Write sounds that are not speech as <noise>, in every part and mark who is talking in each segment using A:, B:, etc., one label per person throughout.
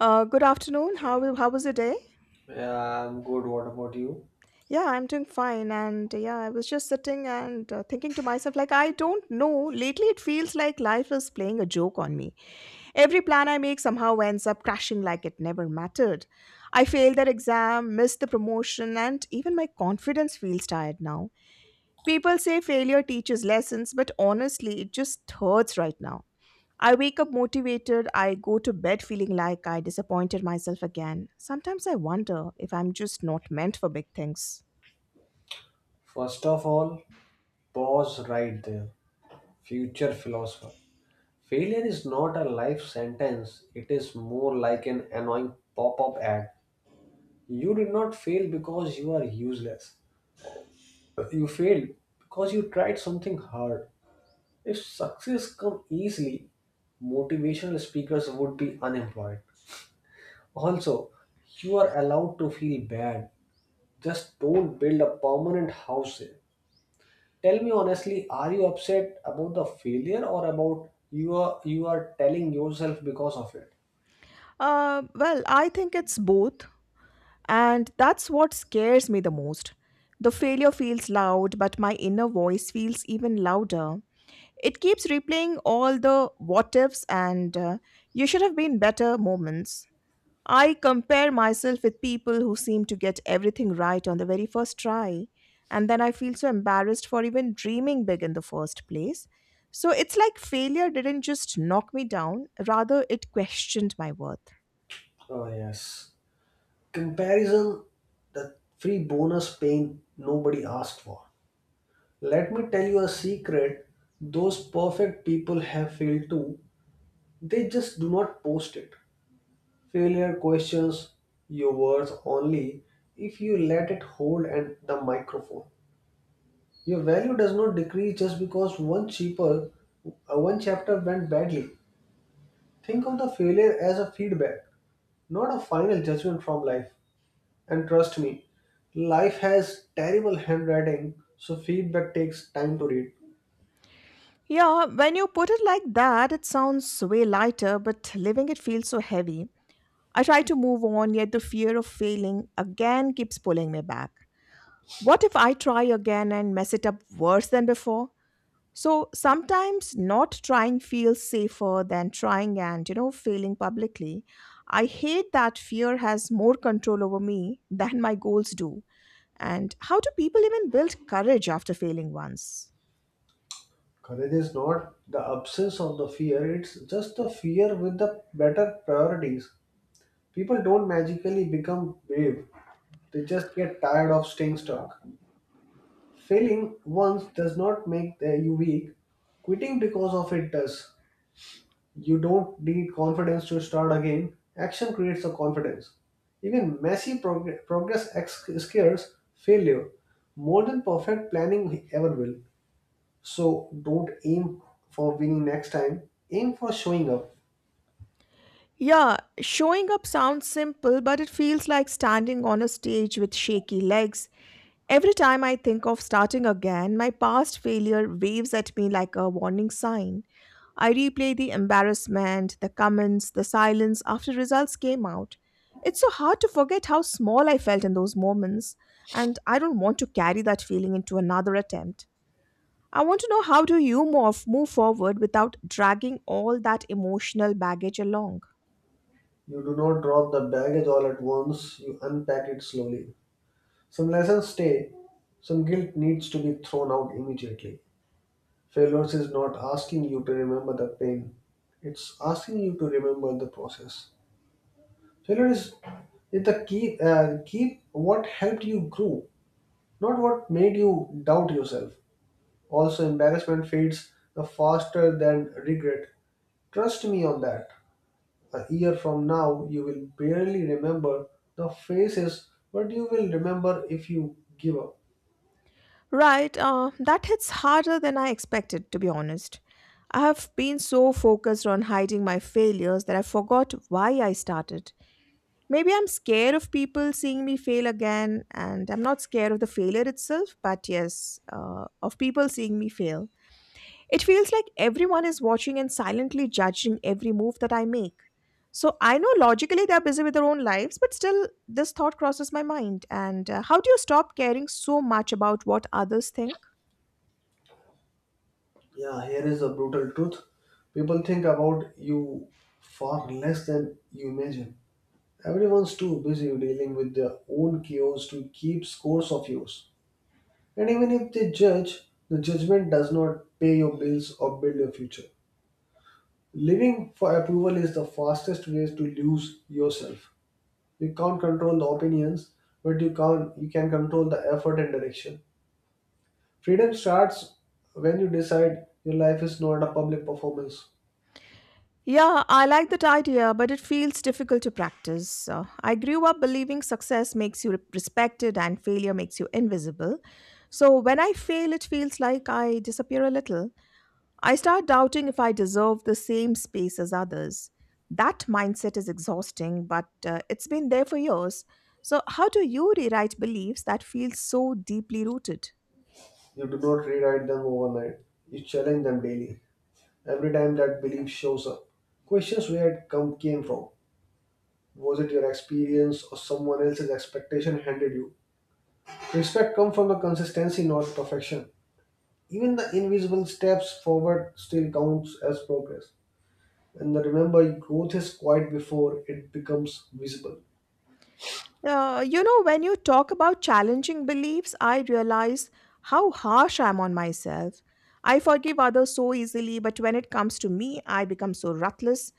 A: Good afternoon. How was your day?
B: Yeah, I'm good. What about you?
A: Yeah, I'm doing fine. And I was just sitting and thinking to myself, like, I don't know. Lately, it feels like life is playing a joke on me. Every plan I make somehow ends up crashing like it never mattered. I failed that exam, missed the promotion, and even my confidence feels tired now. People say failure teaches lessons, but honestly, it just hurts right now. I wake up motivated, I go to bed feeling like I disappointed myself again. Sometimes I wonder if I'm just not meant for big things.
B: First of all, pause right there. Future philosopher. Failure is not a life sentence, it is more like an annoying pop up ad. You did not fail because you are useless. You failed because you tried something hard. If success come easily, motivational speakers would be unemployed. Also, you are allowed to feel bad. Just don't build a permanent house here. Tell me honestly, are you upset about the failure or about you are telling yourself because of it?
A: Well, I think it's both, and that's what scares me the most. The failure feels loud, but my inner voice feels even louder. It keeps replaying all the what ifs and you should have been better moments. I compare myself with people who seem to get everything right on the very first try, and then I feel so embarrassed for even dreaming big in the first place. So it's like failure didn't just knock me down, rather, it questioned my worth.
B: Oh yes. Comparison, the free bonus pain nobody asked for. Let me tell you a secret. Those perfect people have failed too. They just do not post it. Failure questions your worth only if you let it hold and the microphone. Your value does not decrease just because one chapter went badly. Think of the failure as a feedback, not a final judgment from life. And trust me, life has terrible handwriting, so feedback takes time to read.
A: Yeah, when you put it like that, it sounds way lighter, but living it feels so heavy. I try to move on, yet the fear of failing again keeps pulling me back. What if I try again and mess it up worse than before? So sometimes not trying feels safer than trying and, you know, failing publicly. I hate that fear has more control over me <laughs> than my goals do. And how do people even build courage after failing once?
B: Courage is not the absence of the fear, it's just the fear with the better priorities. People don't magically become brave, they just get tired of staying stuck. Failing once does not make you weak. Quitting because of it does. You don't need confidence to start again. Action creates the confidence. Even messy progress scares failure more than perfect planning ever will. So don't aim for winning next time. Aim for showing up.
A: Yeah, showing up sounds simple, but it feels like standing on a stage with shaky legs. Every time I think of starting again, my past failure waves at me like a warning sign. I replay the embarrassment, the comments, the silence after results came out. It's so hard to forget how small I felt in those moments, and I don't want to carry that feeling into another attempt. I want to know how do you move forward without dragging all that emotional baggage along?
B: You do not drop the baggage all at once. You unpack it slowly. Some lessons stay. Some guilt needs to be thrown out immediately. Failures is not asking you to remember the pain. It's asking you to remember the process. Failure is it's the key Keep what helped you grow, not what made you doubt yourself. Also, embarrassment fades the faster than regret. Trust me on that. A year from now, you will barely remember the faces, but you will remember if you give up.
A: Right, that hits harder than I expected, to be honest. I have been so focused on hiding my failures that I forgot why I started. Maybe I'm scared of people seeing me fail again, and I'm not scared of the failure itself, but yes, of people seeing me fail. It feels like everyone is watching and silently judging every move that I make. So I know logically they're busy with their own lives, but still, this thought crosses my mind. And how do you stop caring so much about what others think?
B: Yeah, here is a brutal truth. People think about you far less than you imagine. Everyone's too busy dealing with their own chaos to keep scores of yours. And even if they judge, the judgment does not pay your bills or build your future. Living for approval is the fastest way to lose yourself. You can't control the opinions, but you can control the effort and direction. Freedom starts when you decide your life is not a public performance.
A: Yeah, I like that idea, but it feels difficult to practice. I grew up believing success makes you respected and failure makes you invisible. So when I fail, it feels like I disappear a little. I start doubting if I deserve the same space as others. That mindset is exhausting, but it's been there for years. So, how do you rewrite beliefs that feel so deeply rooted?
B: You do not rewrite them overnight, you challenge them daily. Every time that belief shows up, questions where came from. Was it your experience or someone else's expectation handed you? Respect comes from the consistency, not perfection. Even the invisible steps forward still counts as progress. And the remember, growth is quiet before it becomes visible.
A: You know, when you talk about challenging beliefs, I realize how harsh I am on myself. I forgive others so easily, but when it comes to me, I become so ruthless.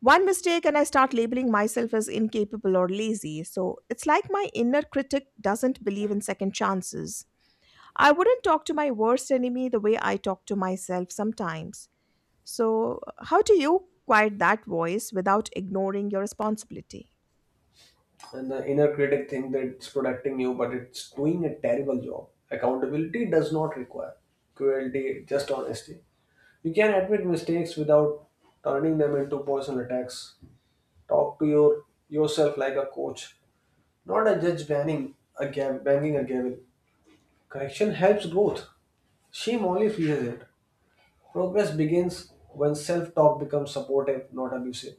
A: One mistake, and I start labeling myself as incapable or lazy. So it's like my inner critic doesn't believe in second chances. I wouldn't talk to my worst enemy the way I talk to myself sometimes. So, how do you quiet that voice without ignoring your responsibility?
B: And the inner critic thinks that it's protecting you, but it's doing a terrible job. Accountability does not require cruelty, just honesty. You can admit mistakes without turning them into personal attacks. Talk to yourself like a coach, not a judge banning a gab banging a gavel. Correction helps growth. Shame only fuels it. Progress begins when self-talk becomes supportive, not abusive.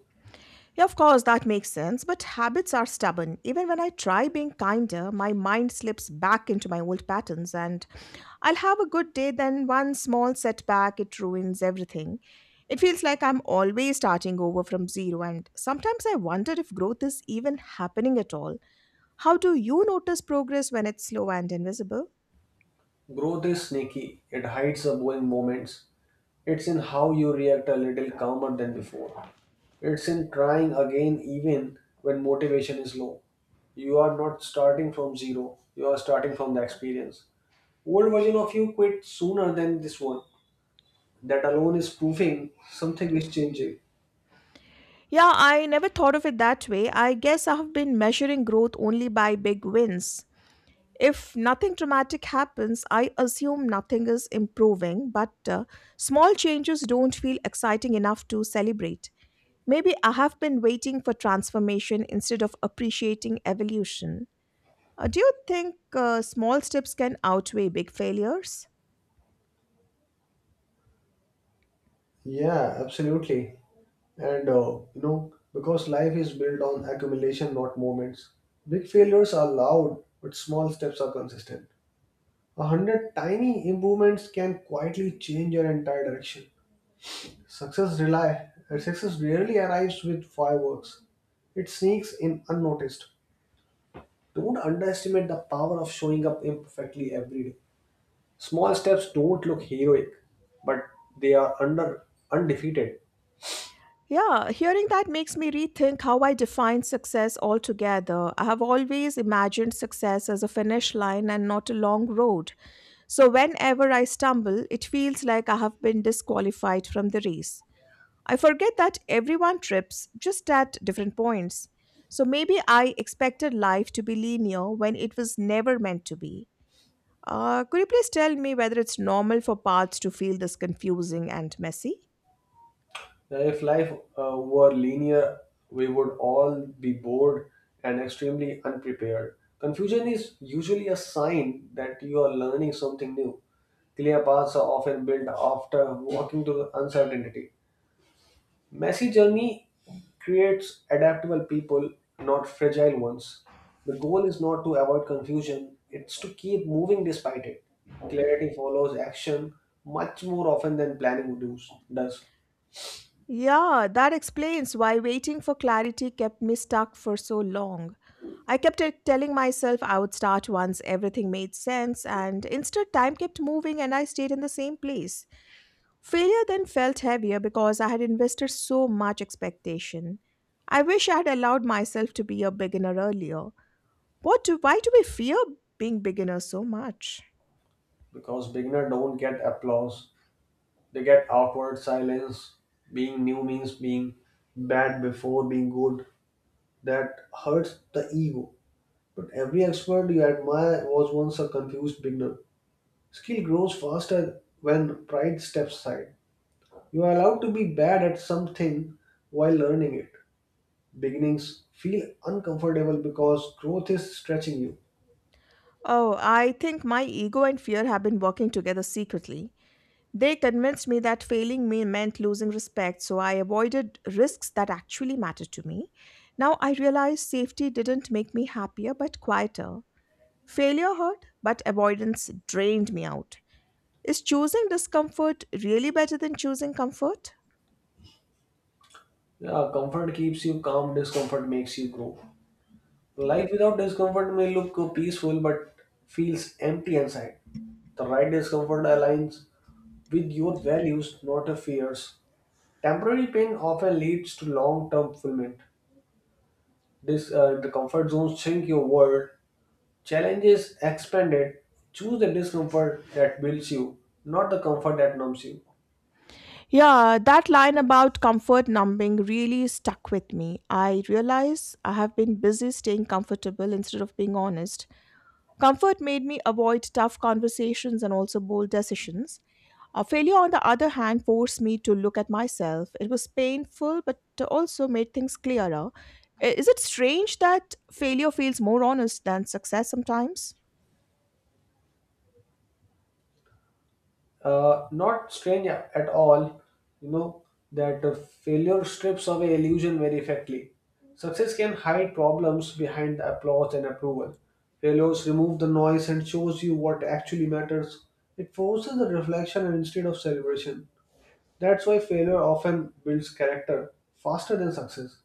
A: Yeah, of course, that makes sense, but habits are stubborn. Even when I try being kinder, my mind slips back into my old patterns, and I'll have a good day, then one small setback, it ruins everything. It feels like I'm always starting over from zero, and sometimes I wonder if growth is even happening at all. How do you notice progress when it's slow and invisible?
B: Growth is sneaky. It hides the boring moments. It's in how you react a little calmer than before. It's in trying again even when motivation is low. You are not starting from zero, you are starting from the experience. Old version of you quit sooner than this one. That alone is proving something is changing.
A: Yeah, I never thought of it that way. I guess I have been measuring growth only by big wins. If nothing dramatic happens, I assume nothing is improving, but small changes don't feel exciting enough to celebrate. Maybe I have been waiting for transformation instead of appreciating evolution. Do you think small steps can outweigh big failures?
B: Yeah, absolutely. And you know, because life is built on accumulation, not moments. Big failures are loud, but small steps are consistent. A hundred tiny improvements can quietly change your entire direction. Success rarely arrives with fireworks. It sneaks in unnoticed. Don't underestimate the power of showing up imperfectly every day. Small steps don't look heroic, but they are under undefeated.
A: Yeah, hearing that makes me rethink how I define success altogether. I have always imagined success as a finish line and not a long road. So whenever I stumble, it feels like I have been disqualified from the race. I forget that everyone trips just at different points. So maybe I expected life to be linear when it was never meant to be. Could you please tell me whether it's normal for paths to feel this confusing and messy?
B: If life were linear, we would all be bored and extremely unprepared. Confusion is usually a sign that you are learning something new. Clear paths are often built after walking through uncertainty. Messy journey creates adaptable people, not fragile ones. The goal is not to avoid confusion, it's to keep moving despite it. Clarity follows action much more often than planning does,
A: Yeah, that explains why waiting for clarity kept me stuck for so long. I kept telling myself I would start once everything made sense, and instead, time kept moving and I stayed in the same place. Failure then felt heavier because I had invested so much expectation. I wish I had allowed myself to be a beginner earlier. Why do we fear being beginners so much?
B: because beginner don't get applause. They get awkward silence. Being new means being bad before being good. That hurts the ego. But every expert you admire was once a confused beginner. Skill grows faster when pride steps aside. You are allowed to be bad at something while learning it. Beginnings feel uncomfortable because growth is stretching you.
A: Oh, I think my ego and fear have been working together secretly. They convinced me that failing me meant losing respect, so I avoided risks that actually mattered to me. Now I realize safety didn't make me happier but quieter. Failure hurt, but avoidance drained me out. Is choosing discomfort really better than choosing comfort?
B: Yeah, comfort keeps you calm, discomfort makes you grow. Life without discomfort may look peaceful but feels empty inside. The right discomfort aligns with your values, not your fears. Temporary pain often leads to long term fulfillment. The comfort zones shrink your world. Challenges expanded. Choose the discomfort that builds you, not the comfort that numbs you.
A: Yeah, that line about comfort numbing really stuck with me. I realize I have been busy staying comfortable instead of being honest. Comfort made me avoid tough conversations and also bold decisions. A failure, on the other hand, forced me to look at myself. It was painful, but also made things clearer. Is it strange that failure feels more honest than success sometimes?
B: Not strange at all, you know, that failure strips away illusion very effectively. Success can hide problems behind the applause and approval. Failures remove the noise and shows you what actually matters. It forces the reflection instead of celebration. That's why failure often builds character faster than success.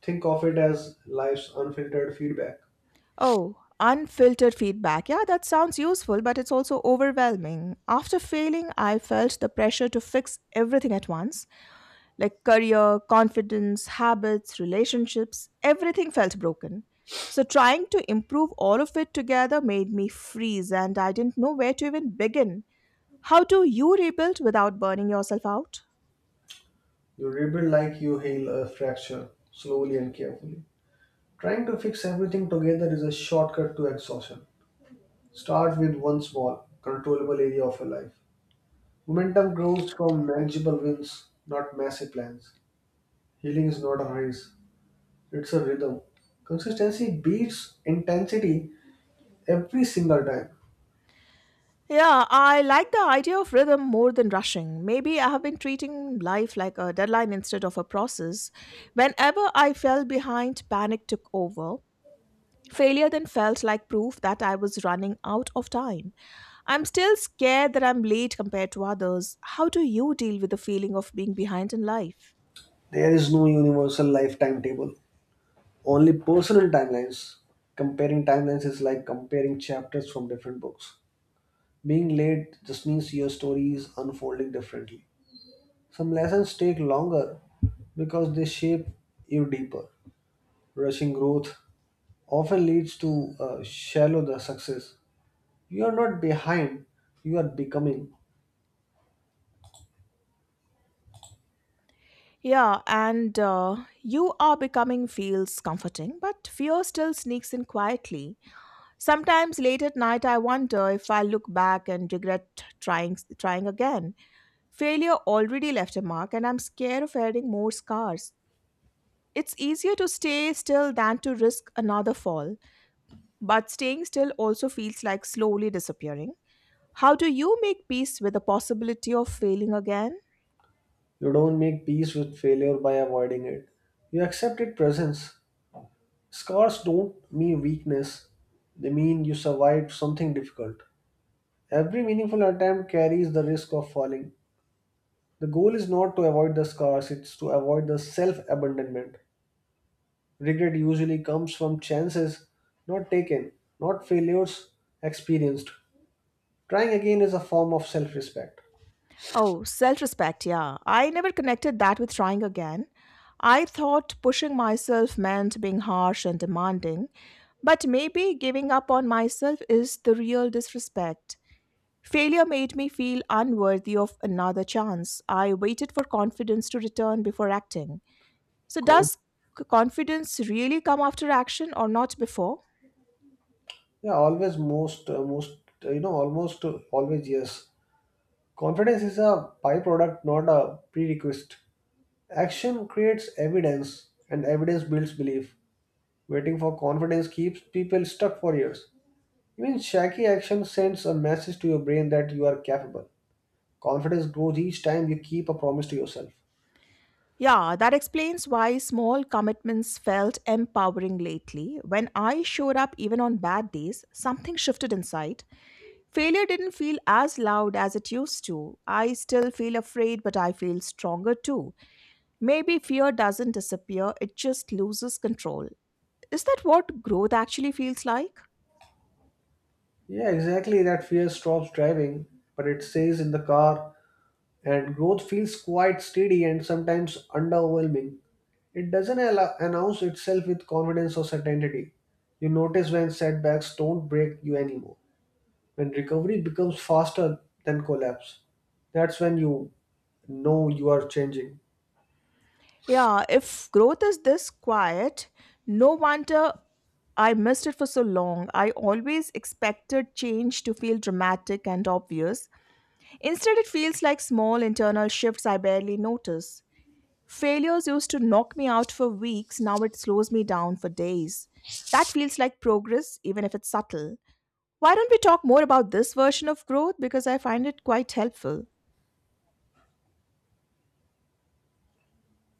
B: Think of it as life's unfiltered feedback.
A: Oh, unfiltered feedback. Yeah, that sounds useful, but it's also overwhelming. After failing, I felt the pressure to fix everything at once like career, confidence, habits, relationships, everything felt broken. So, trying to improve all of it together made me freeze, and I didn't know where to even begin. How do you rebuild without burning yourself out?
B: You rebuild like you heal a fracture, slowly and carefully. Trying to fix everything together is a shortcut to exhaustion. Start with one small, controllable area of your life. Momentum grows from manageable wins, not massive plans. Healing is not a race, it's a rhythm. Consistency beats intensity every single time.
A: Yeah, I like the idea of rhythm more than rushing. Maybe I have been treating life like a deadline instead of a process. Whenever I fell behind, panic took over. Failure then felt like proof that I was running out of time. I'm still scared that I'm late compared to others. How do you deal with the feeling of being behind in life?
B: There is no universal life timetable, only personal timelines. Comparing timelines is like comparing chapters from different books. Being late just means your story is unfolding differently. Some lessons take longer because they shape you deeper. Rushing growth often leads to shallow the success. You are not behind, you are becoming.
A: Yeah, and you are becoming feels comforting, but fear still sneaks in quietly. Sometimes late at night, I wonder if I look back and regret trying again. Failure already left a mark, and I'm scared of adding more scars. It's easier to stay still than to risk another fall, but staying still also feels like slowly disappearing. How do you make peace with the possibility of failing again?
B: You don't make peace with failure by avoiding it. You accept its presence. Scars don't mean weakness, they mean you survived something difficult. Every meaningful attempt carries the risk of falling. The goal is not to avoid the scars, it's to avoid the self abandonment. Regret usually comes from chances not taken, not failures experienced. Trying again is a form of self respect.
A: Oh, self respect, yeah. I never connected that with trying again. I thought pushing myself meant being harsh and demanding, but maybe giving up on myself is the real disrespect. Failure made me feel unworthy of another chance. I waited for confidence to return before acting. So, does confidence really come after action or not before?
B: Yeah, always most, most, you know, almost always yes. Confidence is a byproduct, not a prerequisite. Action creates evidence, and evidence builds belief. Waiting for confidence keeps people stuck for years. Even shaky action sends a message to your brain that you are capable. Confidence grows each time you keep a promise to yourself.
A: Yeah, that explains why small commitments felt empowering lately. When I showed up even on bad days, something shifted inside. Failure didn't feel as loud as it used to. I still feel afraid, but I feel stronger too. Maybe fear doesn't disappear, it just loses control. Is that what growth actually feels like?
B: Yeah, exactly. That fear stops driving, but it stays in the car, and growth feels quite steady and sometimes underwhelming. It doesn't announce itself with confidence or certainty. You notice when setbacks don't break you anymore, when recovery becomes faster than collapse. That's when you know you are changing.
A: Yeah, if growth is this quiet, no wonder I missed it for so long. I always expected change to feel dramatic and obvious. Instead, it feels like small internal shifts I barely notice. Failures used to knock me out for weeks, now it slows me down for days. That feels like progress, even if it's subtle. Why don't we talk more about this version of growth? Because I find it quite helpful.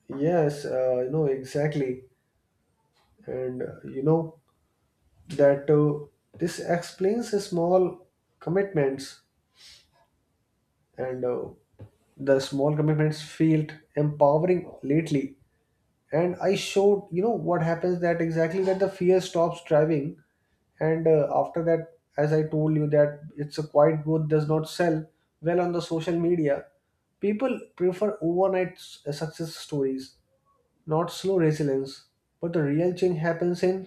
B: Yes, you know exactly. and you know that This explains the small commitments and the small commitments felt empowering lately and I showed you know what happens that exactly that the fear stops driving and after that as I told you that it's a quiet growth does not sell well on the social media people prefer overnight success stories. Not slow resilience, but the real change happens in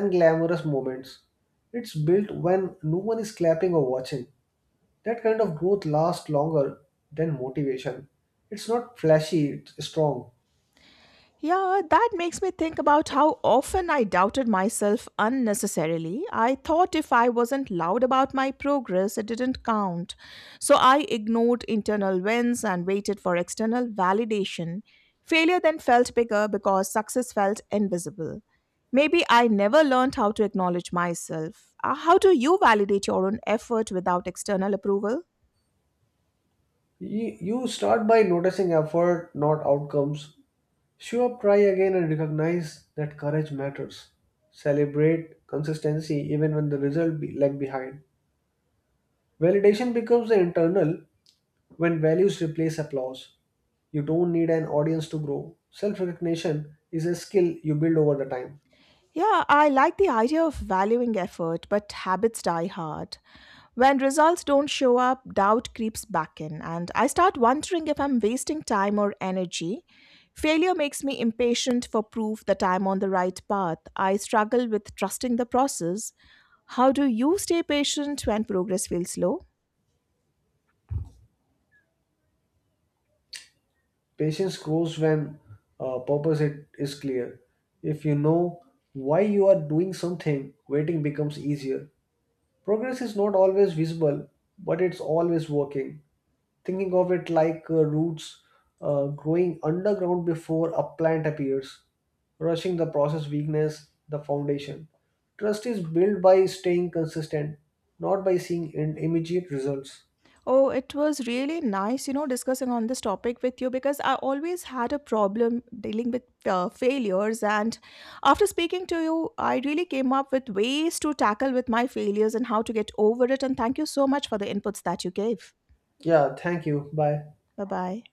B: unglamorous moments. It's built when no one is clapping or watching. That kind of growth lasts longer than motivation. It's not flashy, it's strong.
A: Yeah, that makes me think about how often I doubted myself unnecessarily. I thought if I wasn't loud about my progress, it didn't count. So I ignored internal wins and waited for external validation. Failure then felt bigger because success felt invisible. Maybe I never learned how to acknowledge myself. How do you validate your own effort without external approval?
B: You start by noticing effort, not outcomes. Show up, try again, and recognize that courage matters. Celebrate consistency even when the result be lag behind. Validation becomes the internal. When values replace applause, you don't need an audience to grow. Self recognition is a skill you build over the time.
A: Yeah, I like the idea of valuing effort, but habits die hard. When results don't show up, doubt creeps back in, and I start wondering if I'm wasting time or energy. Failure makes me impatient for proof that I'm on the right path. I struggle with trusting the process. How do you stay patient when progress feels slow?
B: Patience grows when purpose it is clear. If you know why you are doing something, waiting becomes easier. Progress is not always visible, but it's always working. Thinking of it like roots growing underground before a plant appears, rushing the process weakness, the foundation. Trust is built by staying consistent, not by seeing immediate results.
A: Oh, it was really nice, you know, discussing on this topic with you because I always had a problem dealing with failures. And after speaking to you, I really came up with ways to tackle with my failures and how to get over it. And thank you so much for the inputs that you gave.
B: Yeah, thank you. Bye.
A: Bye bye.